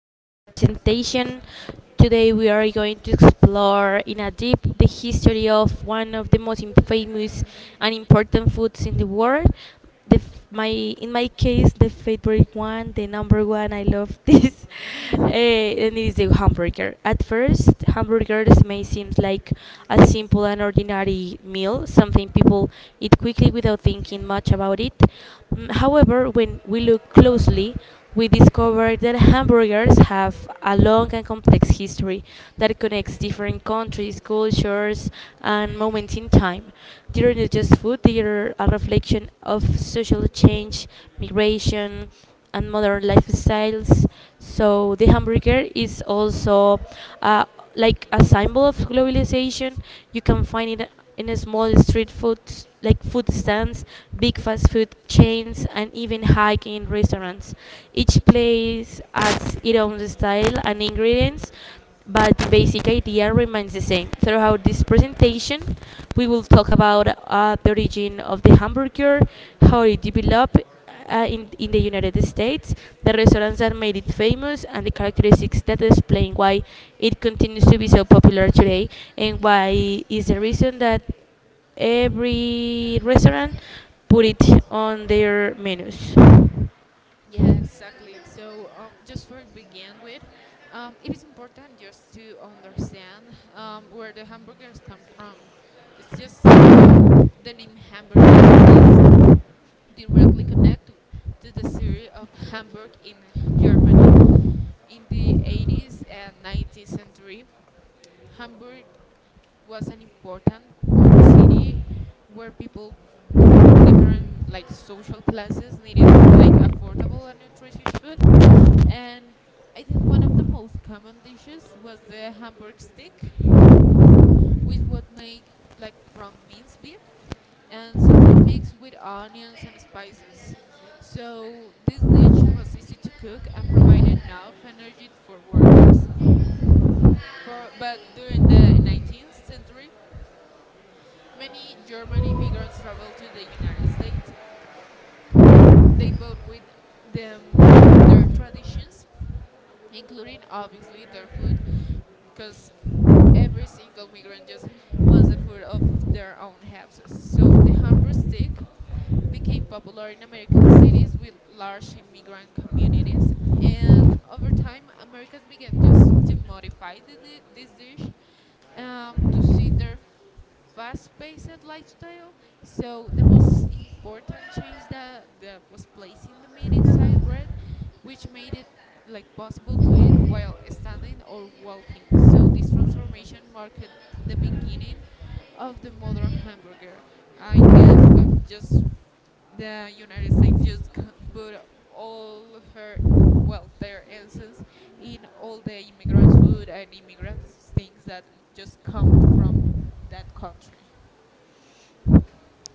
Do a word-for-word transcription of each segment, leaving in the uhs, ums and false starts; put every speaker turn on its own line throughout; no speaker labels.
to our presentation. Today we are going to explore in a deep the history of one of the most im- famous and important foods in the world. The f- my in my case, the favorite one, the number one. I love this, Eh, and It is the hamburger. At first, hamburgers may seem like a simple and ordinary meal, something people eat quickly without thinking much about it. Mm, However, when we look closely, we discover that hamburgers have a long and complex history that connects different countries, cultures, and moments in time. They're not just food, they're a reflection of social change, migration, and modern lifestyles. So, the hamburger is also uh, like a symbol of globalization. You can find it in a small street food, s- like food stands, big fast food chains, and even high-end restaurants. Each place adds its own style and ingredients, but the basic idea remains the same. Throughout this presentation, we will talk about uh, the origin of the hamburger, how it developed uh, in, in the United States, the restaurants that made it famous, and the characteristics that explain why it continues to be so popular today, and why is the reason that every restaurant put it on their menus.
Yeah, exactly. So, um, just for begin with, um, it is important just to understand um, where the hamburgers come from. It's just um, The name hamburger is directly connect to to the city of Hamburg in Germany. In the eighties and nineteenth century, Hamburg was an important port city where people from different like social classes needed like affordable and nutritious food, and I think one of the most common dishes was the hamburg stick with what made like from minced beef and sometimes mixed with onions and spices. So this dish was easy to cook and provided enough energy for workers. For, but during the nineteenth century, many German immigrants traveled to the United States. They brought with them their traditions, including obviously their food, because every single migrant just wants the food of their own houses. So the hamburger stick became popular in American cities with large immigrant communities, and over time, Americans began just to modify the, di- this dish um, to suit their fast-paced lifestyle. So the most important change that, that was placed in the meat inside bread, which made it like possible to eat while standing or walking. So this transformation marked the beginning of the modern hamburger. I guess uh, just the United States just c- put all her well their essence in all the immigrants' food and immigrants' things that just come from that country.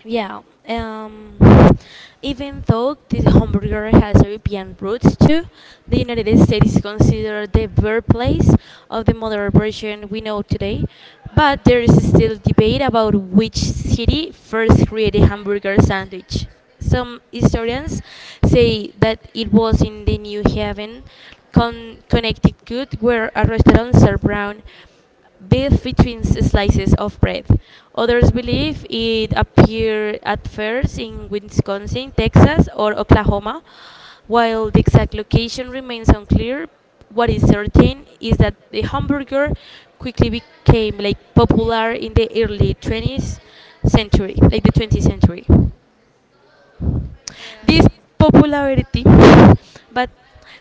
Yeah. Um, Even though this hamburger has European roots too, the United States is considered the birthplace of the modern version we know today. But there is still debate about which city first created hamburger sandwich. Some historians say that it was in the New Haven, con- Connecticut, where a restaurant served brown beef between s- slices of bread. Others believe it appeared at first in Wisconsin, Texas, or Oklahoma. While the exact location remains unclear, what is certain is that the hamburger quickly became like popular in the early twentieth century, like the twentieth century. This
Um,
popularity, but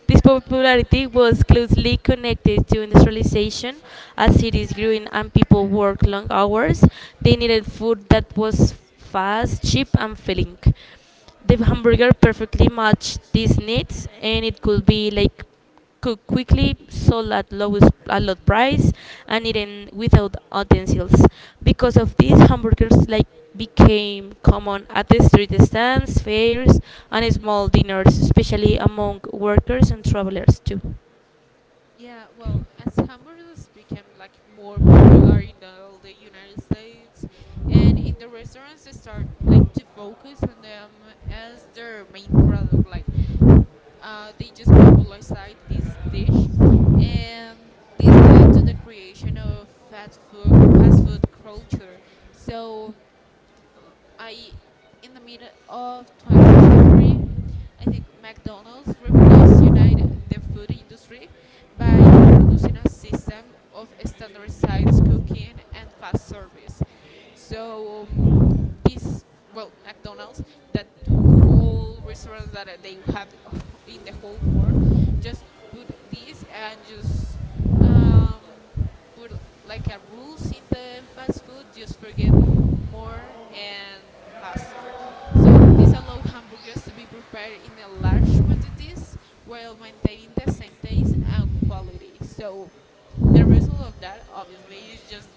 this popularity was closely connected to industrialization. As cities grew in and people worked long hours, they needed food that was fast, cheap, and filling. The hamburger perfectly matched these needs, and it could be like cook quickly, sold at lowest at low price, and eaten without utensils. Because of this, hamburgers like became common at the street stands, fairs, and small dinners, especially among workers and travelers too.
Yeah, well, as hamburgers became like more popular in all the United States, and in the restaurants they start like to focus on them as their main product. Like, uh, they just popularized this dish, and this led to the creation of fast food fast food culture. So I in the mid of twentieth century, I think McDonald's revolutionized united the food industry by introducing a system of standardized cooking and fast service. So um, this well McDonald's, that whole restaurants that uh, they have in the whole world, just put this and just um, put like a rules in the fast food just forget more and faster, so this allows hamburgers to be prepared in a large quantities while maintaining the same taste and quality. So the result of that obviously is just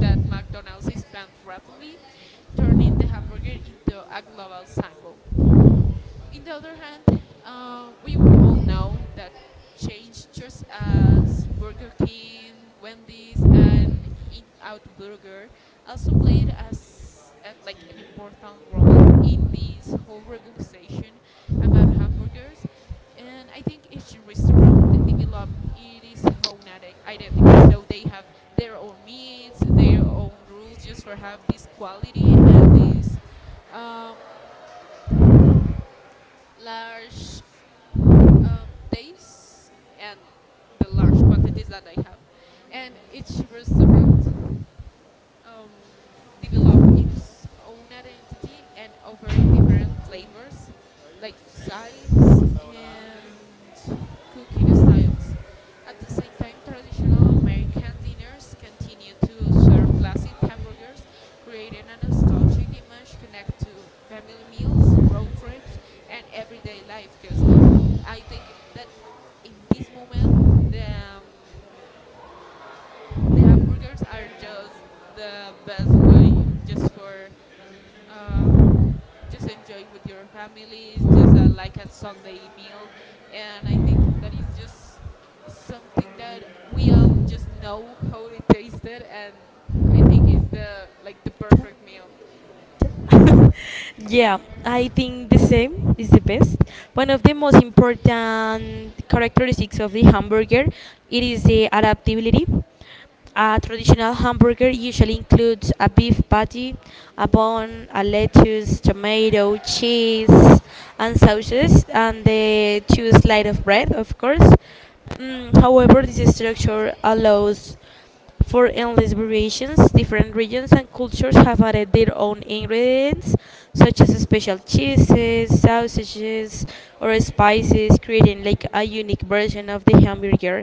that mcdonald's expands rapidly, turning the hamburger into a global symbol. In the other hand, uh, we all know that change just as Burger King, Wendy's, and In Out Burger also played as uh, like an important role in this whole revolution about hamburgers. And I think each restaurant developed its own ide- identity. So they have their own meats, their own rules, just for have this quality and this um, large um, days and the large quantities that I have. And each restaurant um, develop in its own identity and offering different flavors like size and cooking styles. At the same time, traditional American dinners continue to serve classic hamburgers, creating a nostalgic image connected to family meals, road trips, and everyday life. Because I think that in this moment, the um, the hamburgers are just the best way just for uh, just enjoy with your families, just uh, like a Sunday meal. And I think that is just something that we all just know how it tasted, and I think is the like the perfect meal.
Yeah, I think the same is the best. One of the most important characteristics of the hamburger it is the adaptability. A traditional hamburger usually includes a beef patty, a bun, a lettuce, tomato, cheese, and sauces, and the two slices of bread, of course. Mm, however, this structure allows for endless variations. Different regions and cultures have added their own ingredients, such as special cheeses, sausages, or spices, creating like a unique version of the hamburger.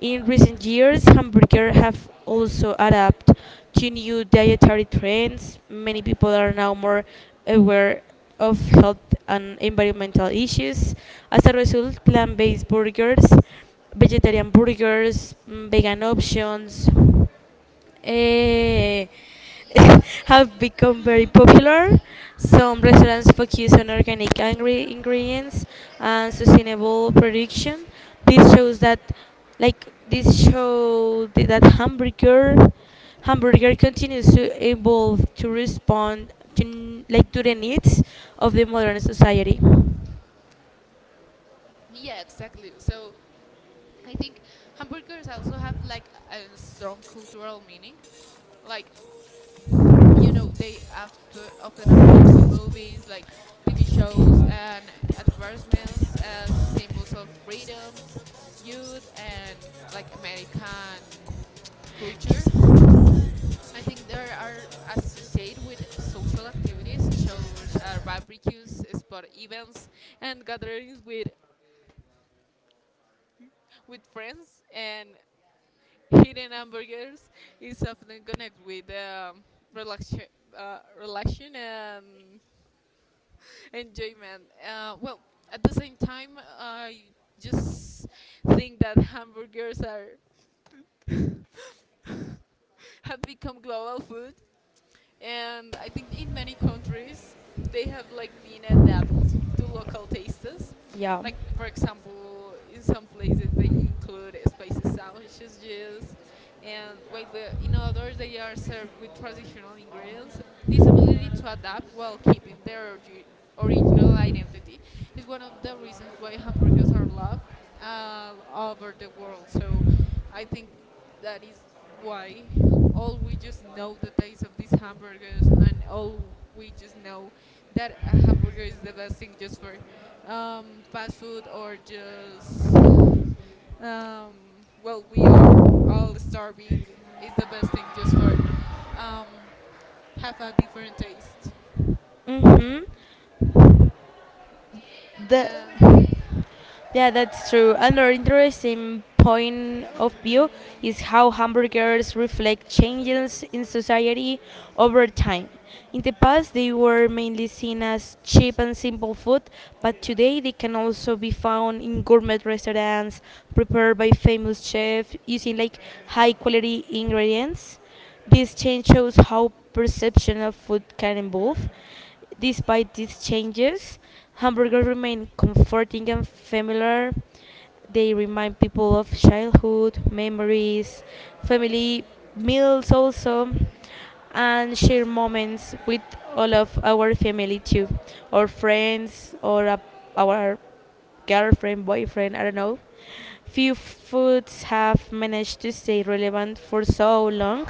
In recent years, hamburgers have also adapted to new dietary trends. Many people are now more aware of health and environmental issues. As a result, plant based burgers, vegetarian burgers, mm, vegan options, eh, have become very popular. Some restaurants focus on organic ingre- ingredients and sustainable production. This shows that, like, this show that hamburger hamburger continues to evolve to respond to n- like to the needs of the modern society.
Yeah, exactly. So I think hamburgers also have like a strong cultural meaning. Like you know they after often appears in movies like tv shows and advertisements as symbols of freedoms, youth, and like american culture. I think they are associated with social activities such as barbecues, sport events, and gatherings with with friends, and hidden hamburgers is often connected with um, relaxation uh, relaxation and enjoyment. Uh, well, at the same time, I just think that hamburgers are have become global food, and I think in many countries they have like been adapted to local tastes.
Yeah.
Like for example, in some places they include spicy sausages, and while the, in others they are served with traditional ingredients. This ability to adapt while keeping their orgi- original identity is one of the reasons why hamburgers are loved uh, all over the world. So I think that is why all we just know the taste of these hamburgers and all we just know that a hamburger is the best thing just for um, fast food or just um, well we are all starving. It's the best thing just for um, have a different taste.
Mhm. The
Yeah.
Yeah, that's true. Another interesting point of view is how hamburgers reflect changes in society over time. In the past, they were mainly seen as cheap and simple food, but today they can also be found in gourmet restaurants prepared by famous chefs using like high quality ingredients. This change shows how perception of food can evolve. Despite these changes, hamburgers remain comforting and familiar. They remind people of childhood, memories, family meals, also, and share moments with all of our family too, or friends, or a, our girlfriend, boyfriend, I don't know.
Mhm.
Few foods have managed to stay relevant for so long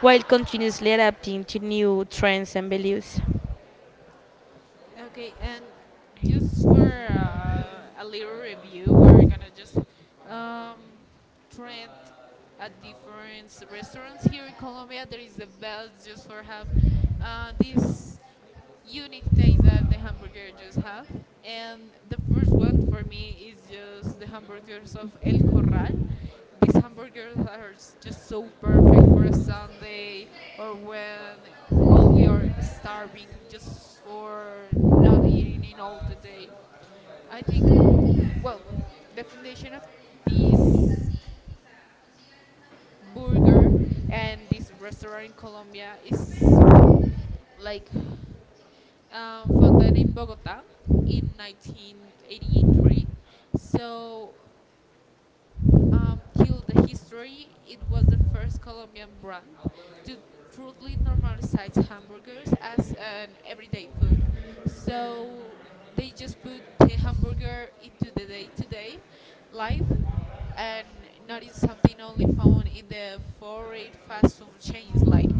while continuously adapting to new trends and values.
Okay, and just for uh, a little review, we're gonna just um, trend at different s- restaurants here in Colombia. That is the best, just for have uh, this unique taste that the hamburger just have. And the first one for me is just the hamburgers of El Corral. These hamburgers are s- just so perfect for a Sunday or when all we are starving just for not eating in all the day. I think, well, the foundation of this burger and this restaurant in Colombia is like um, founded in Bogota in nineteen eighty-three. So um, till the history, it was the first Colombian brand to truly normalize hamburgers as an everyday food. So they just put the hamburger into the day to day life and not in something only found in the foreign fast food chains. Like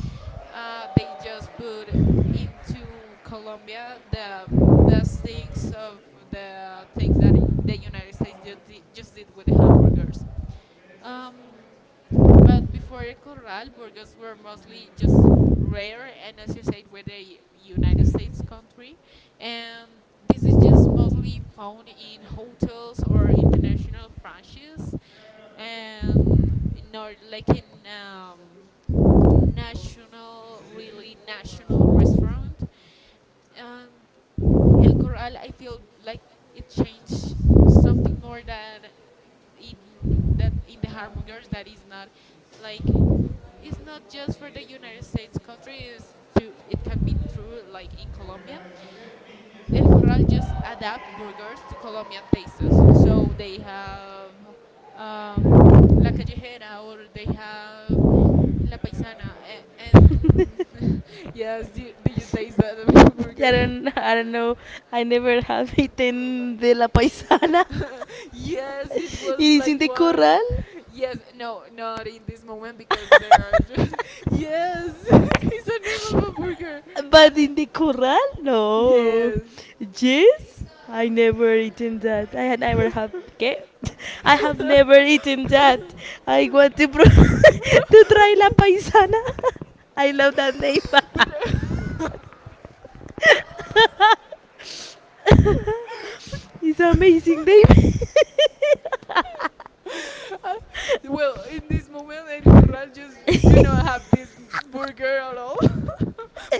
uh, they just put into Colombia the best things of the things that i- the United States just did, just did with the hamburgers. Um, but before El Corral, burgers were mostly just rare, and as you said, with the United States country, and this is just mostly found in hotels or international franchises, and not like in um, national, really national restaurant. Um, El Corral, I feel like it changed something more than in that in the hamburgers that is not like it's not just for the United States country. Is to it can be true like in Colombia. El Corral just adapt burgers to Colombian tastes. So they have um, La Callejera or they have La paisana. eh, And yes, did do you taste that
I
burger?
don't, I don't know. I never have eaten de la paisana.
Yes, it
It
was
is
like
in the
one.
corral,
Yes, no, not in this moment because there are. ju- yes, it's the name of a burger.
but in the corral, no.
Yes.
Yes, I never eaten that. I had never have. Okay, I have never eaten that. I want to pro- to try la paisana. I love that name.
but uh,
It's amazing, babe.
Uh, well, in this moment, El Corral just do not have this burger at all.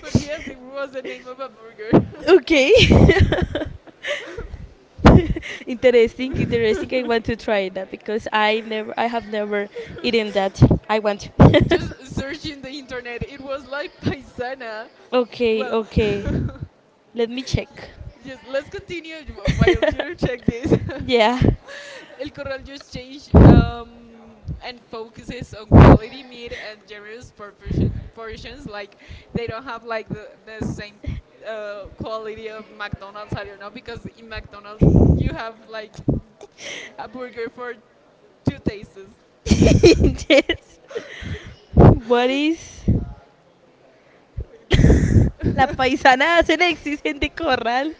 But yes, it was the name of a burger.
Okay. Interesting, interesting. I want to try that because I never, I have never eaten that. I want. To.
Just searching the internet, it was like paisana.
Okay,
Well,
okay. Let me check.
ye- yes, let's continue w- while you check this.
Yeah.
El Corral just changed um, and focuses on quality meat and generous portion, portions. Like they don't have like the, the same uh, quality of McDonald's. I don't know because in McDonald's you have like a burger for two tastes. I
Yes. What is
think.
La Paisana hace Alexis en the corral?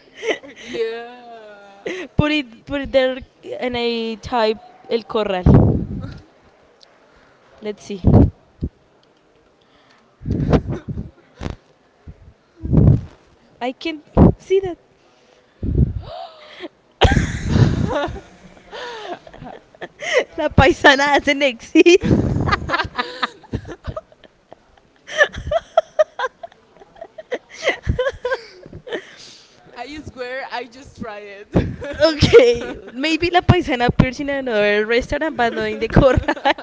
Yeah.
Put it, put it there, and I type El Corral. Let's see. I can see that. La Paisana doesn't exist.
I swear I just try it. But
Okay, maybe La Paisana appears in another restaurant, but not in the corral.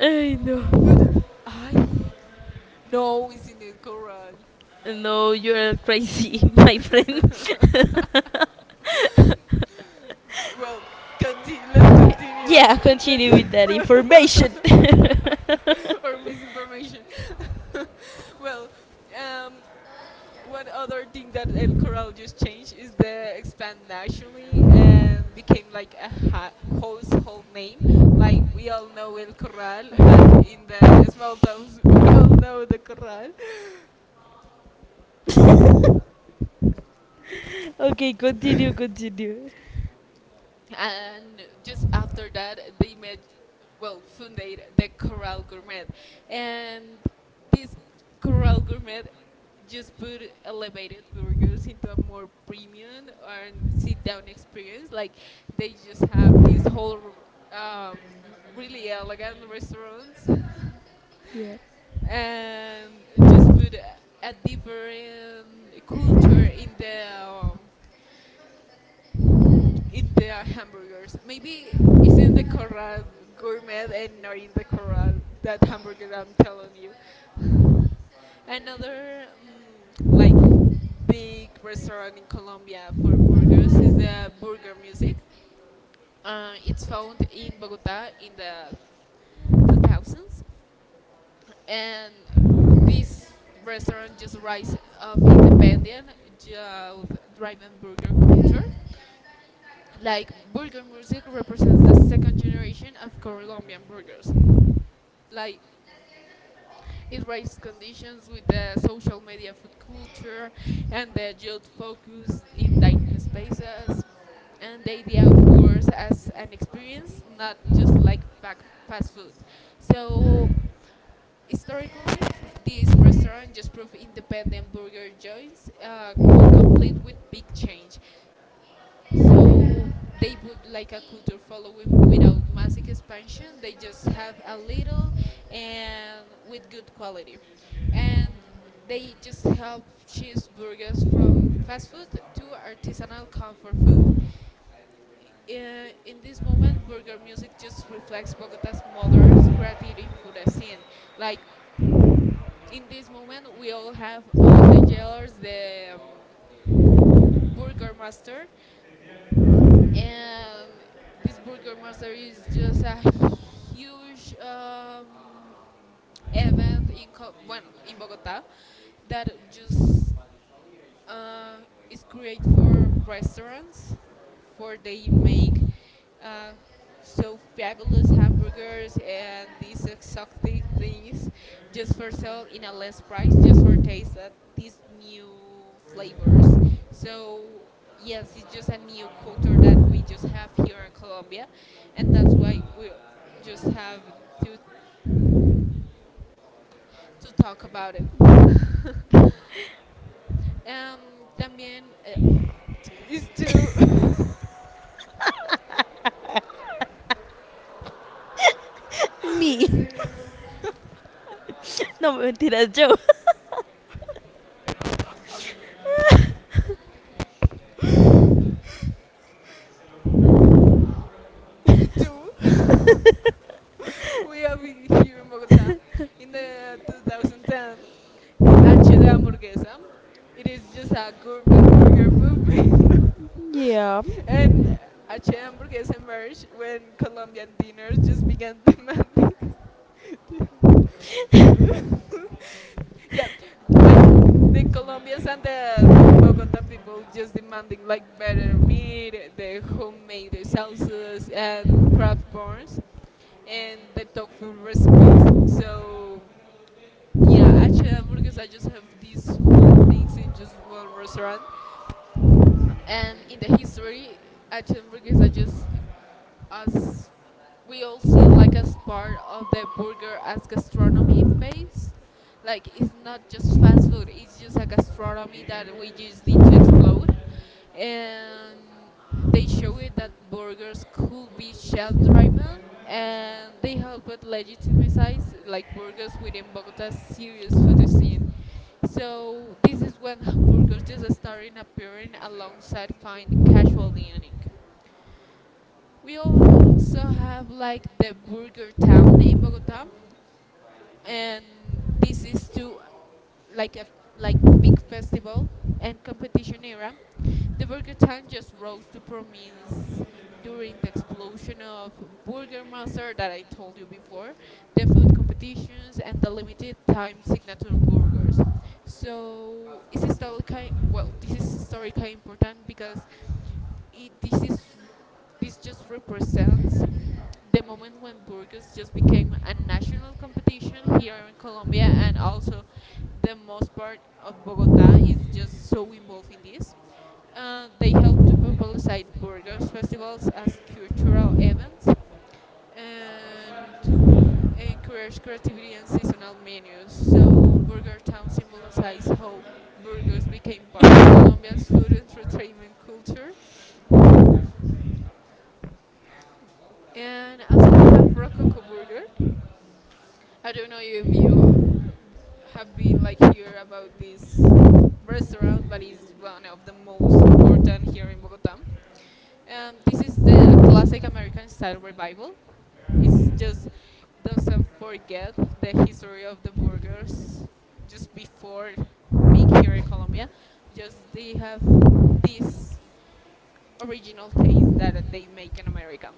I know.
I no, it's in a coral.
No, you're crazy, my friend.
Well, continue. Let's continue.
Yeah,
Let's
continue
just
with that information.
or misinformation. Well, um, one other thing that El Corral just changed is the expand nationally and became like a ha- household name. Like we all know El Corral. Like in the small towns, we all know the Corral.
Okay, continue, continue.
And just after that they made well founded the Corral Gourmet, and this Corral Gourmet just put elevated burgers into a more premium and sit down experience. Like they just have these whole um, really elegant restaurants
Yeah.
and just put a, a different culture in the um, in the hamburgers. Maybe it's in the Corral Gourmet and not in the Corral that hamburger I'm telling you. Another um, like big restaurant in Colombia for burgers is the Burger Music. Uh, it's found in Bogota in the two thousands, and this restaurant just rise of independent, just driven burger culture. Like Burger Music represents the second generation of Colombian burgers. Like it raised conditions with the social media food culture and the youth focus in dining spaces and the idea of burgers as an experience, not just like fa- fast food. So historically, this restaurant just proved independent burger joints uh, could complete with big change. So they put like a culture following without massive expansion. They just have a little and with good quality. And they just help cheeseburgers from fast food to artisanal comfort food. I- In this moment, burger music just reflects Bogota's modern creative food scene. Like in this moment, we all have all the jailers, the um, burger master, and this Burger Master is just a huge um, event in Co- bueno in Bogota that just uh, is created for restaurants, for they make uh, so fabulous hamburgers and these exotic things just for sale in a less price, just for taste at these new flavors. So yes, it's just a new culture that we just have here in Colombia, and that's why we just have to to talk about it. Em, también eh, t- is to
Me. No, mentiras, yo.
to to- we are here in Bogota in the twenty ten H de hamburguesa. It is just a gourmet burger movement.
Yeah.
And H de hamburguesa emerged when Colombian diners just began demanding. Yeah, like the Colombians and the Bogota people just demanding like better meat, the homemade sauces, and craft buns and the dog food recipes. So yeah, actually, hamburgers. I just have these whole things in just one restaurant, and in the history, actually, hamburgers are just, as we all see, like as part of the burger as gastronomy phase. Like it's not just fast food; it's just a gastronomy that we just need to explode, and they showed that burgers could be shelf-driven, and they helped legitimize like burgers within Bogota's serious food scene. So this is when burgers just started appearing alongside fine casual dining. We also have like the Burger Town in Bogota, and this is to like a like big festival and competition era. The Burger Time just rose to prominence during the explosion of Burger Master that I told you before, the food competitions and the limited time signature burgers. So it's historically, well, this is historically important because it, this is this just represents the moment when Burgos just became a national competition here in Colombia, and also the most part of Bogota is just so involved in this. Uh, they help to publicize Burgos festivals as cultural events and encourage creativity and seasonal menus. So Burger Town symbolizes how burgers became part of Colombia's food and entertainment culture. And also, we have Rococo Burger. I don't know if you uh, have been like here about this restaurant, but it's one of the most important here in Bogota. Um, this is the classic American style revival. It's just doesn't forget the history of the burgers just before being here in Colombia. Just they have this original taste that they make in America.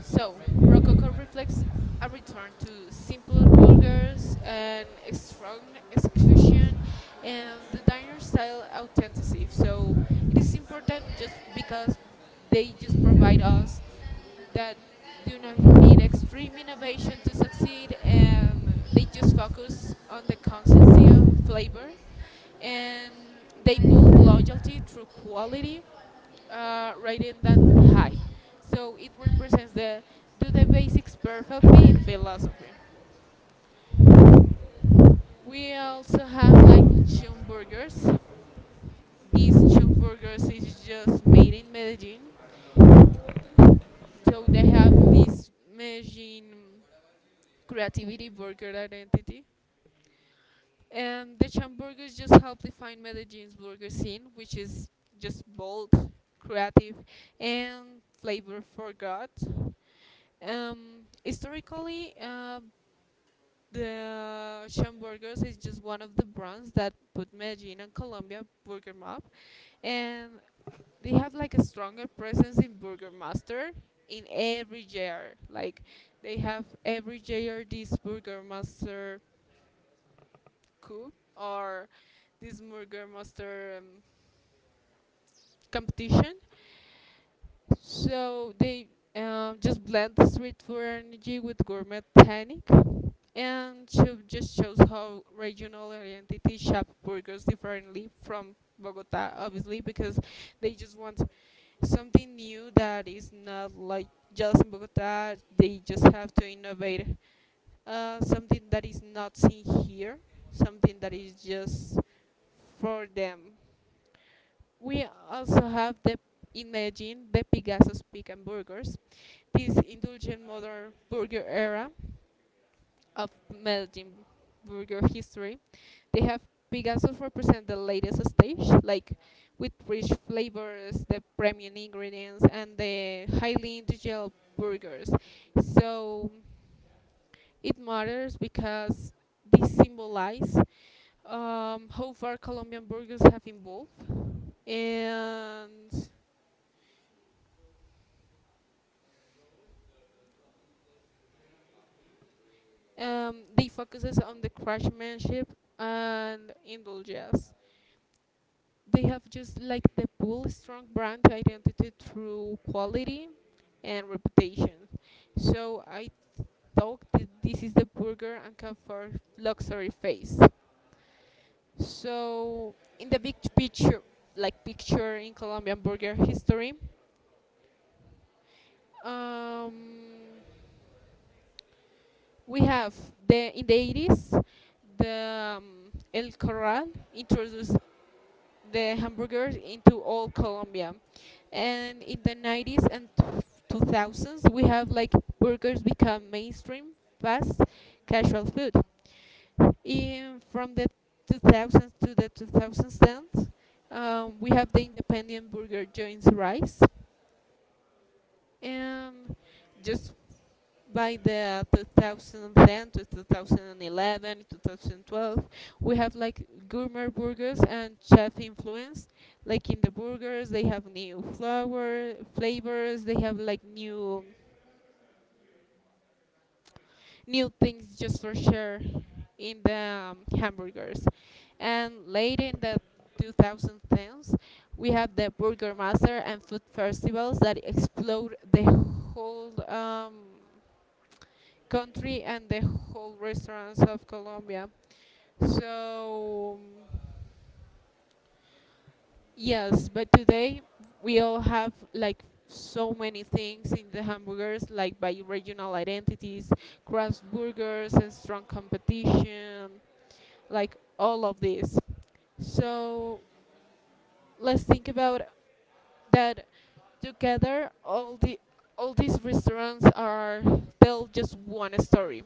So Rococo reflects a return to simpler burgers and a strong execution and the diner style authenticity. So it is important just because they just provide us that do not need extreme innovation to succeed, and they just focus on the consistency of flavor, and they build loyalty through quality, uh, rating that high. So it represents the do the basics perfectly philosophy. We also have like chum burgers. These chum burgers is just made in Medellin. So they have this Medellin creativity burger identity. And the Chamburgers just help define Medellin's burger scene, which is just bold, creative, and flavor forgot. Um, historically, uh, the Chamburgers is just one of the brands that put Medellin and Colombia burger map, and they have like a stronger presence in Burger Master in every J R. Like they have every J R this Burger Master coup or this Burger Master um, competition. So they um, just blend street food energy with gourmet technique, and show, just shows how regional identity shop burgers differently from Bogota, obviously, because they just want something new that is not like just in Bogota. They just have to innovate uh, something that is not seen here, something that is just for them. We also have the Imagine the Picasso's Pick and Burgers, this indulgent modern burger era of melting burger history. They have Picasso's represent the latest stage, like with rich flavors, the premium ingredients, and the highly individual burgers. So it matters because this symbolizes um, how far Colombian burgers have evolved, and um, they focuses on the craftsmanship and indulgence. They have just like the bull strong brand identity through quality and reputation. So I thought that this is the burger and comfort luxury phase. So in the big picture, like picture in Colombian burger history, um, we have the in the eighties the um, El Corral introduced the hamburgers into all Colombia. And in the nineties and two thousands, we have like burgers become mainstream, fast, casual food. In from the two thousands to the two thousand tens, um, we have the independent burger joints rise, and just by the twenty ten to two thousand eleven, two thousand twelve, we have like gourmet burgers and chef influence, like in the burgers they have new flour flavors, they have like new new things just for sure in the um, hamburgers, and later in the two thousand tens we have the burger master and food festivals that explode the whole um, country and the whole restaurants of Colombia. So yes, but today we all have like so many things in the hamburgers, like by regional identities, craft burgers, and strong competition, like all of this. So let's think about that together all the all these restaurants are tell just one story.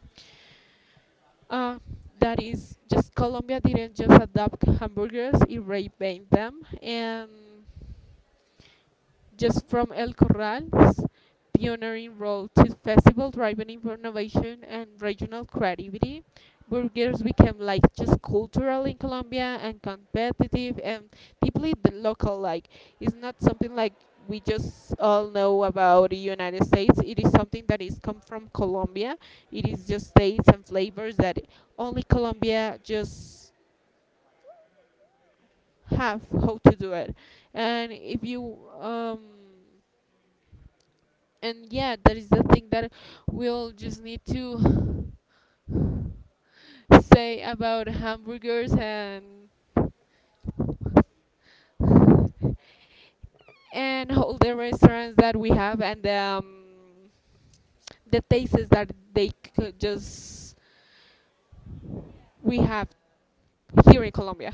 Uh, that is just Colombia didn't just adopt hamburgers, it revamped them, and just from El Corral's pioneering role to festival driven innovation and regional creativity, burgers became like just cultural in Colombia and competitive and deeply the local like. It's not something like we just all know about the United States. It is something that is come from Colombia. It is just tastes and flavors that only Colombia just have how to do it. And if you um and yeah, that is the thing that we'll just need to say about hamburgers and and all the restaurants that we have, and um, the tastes that they could just we have here in Colombia.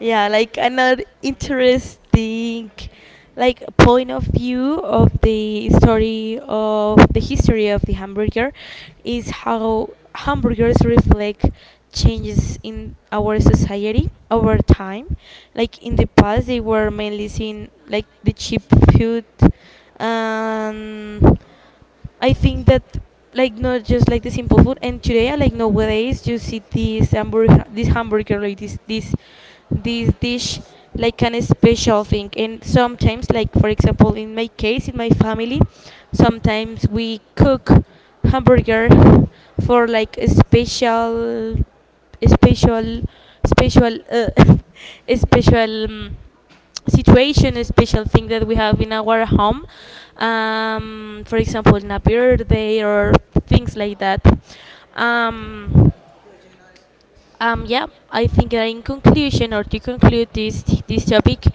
Yeah, like another interesting like point of view of the story of the history of the hamburger is how hamburgers reflect changes in our society over time, like in the past they were mainly seen like the cheap food, um, I think that, like, not just like the simple food. And today I like nowadays you see this hamburger, this hamburger like this this this dish like an special thing. And sometimes like for example in my case in my family, sometimes we cook hamburger for like a special special special uh, special um, situation, a special thing that we have in our home, um, for example, in a birthday or things like that. Um, um, yeah, I think that in conclusion, or to conclude this this topic,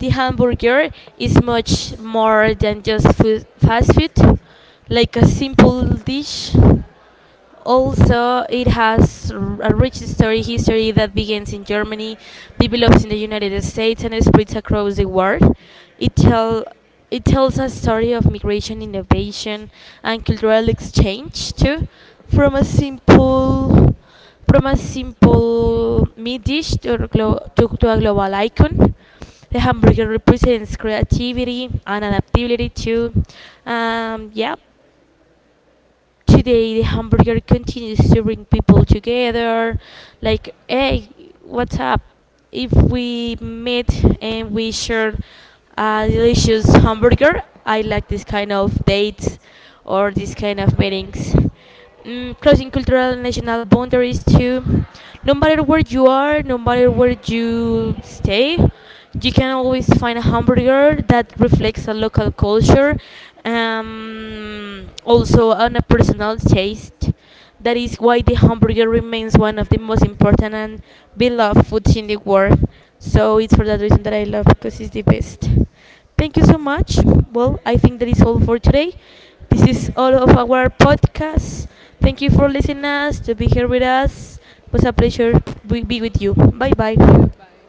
the hamburger is much more than just food, fast food, like a simple dish also, it has r- a rich story history that begins in Germany, develops in the United States, and spreads across the world. It tell it tells a story of migration, innovation, and cultural exchange too, from a simple from a simple meat dish to a, glo- to, to a global icon. The hamburger represents creativity and adaptability too. Um, yeah, today the hamburger continues to bring people together, like, hey, what's up, if we meet and we share a delicious hamburger. I like this kind of dates or this kind of meetings. Mm, crossing cultural and national boundaries too. No matter where you are, no matter where you stay, you can always find a hamburger that reflects a local culture, um, also on a personal taste. That is why the hamburger remains one of the most important and beloved foods in the world. So it's for that reason that I love because it's the best. Thank you so much. Well, I think that is all for today. This is all of our podcast. Thank you for listening us to be here with us. It was a pleasure to be with you. Bye bye.
Yeah, bye.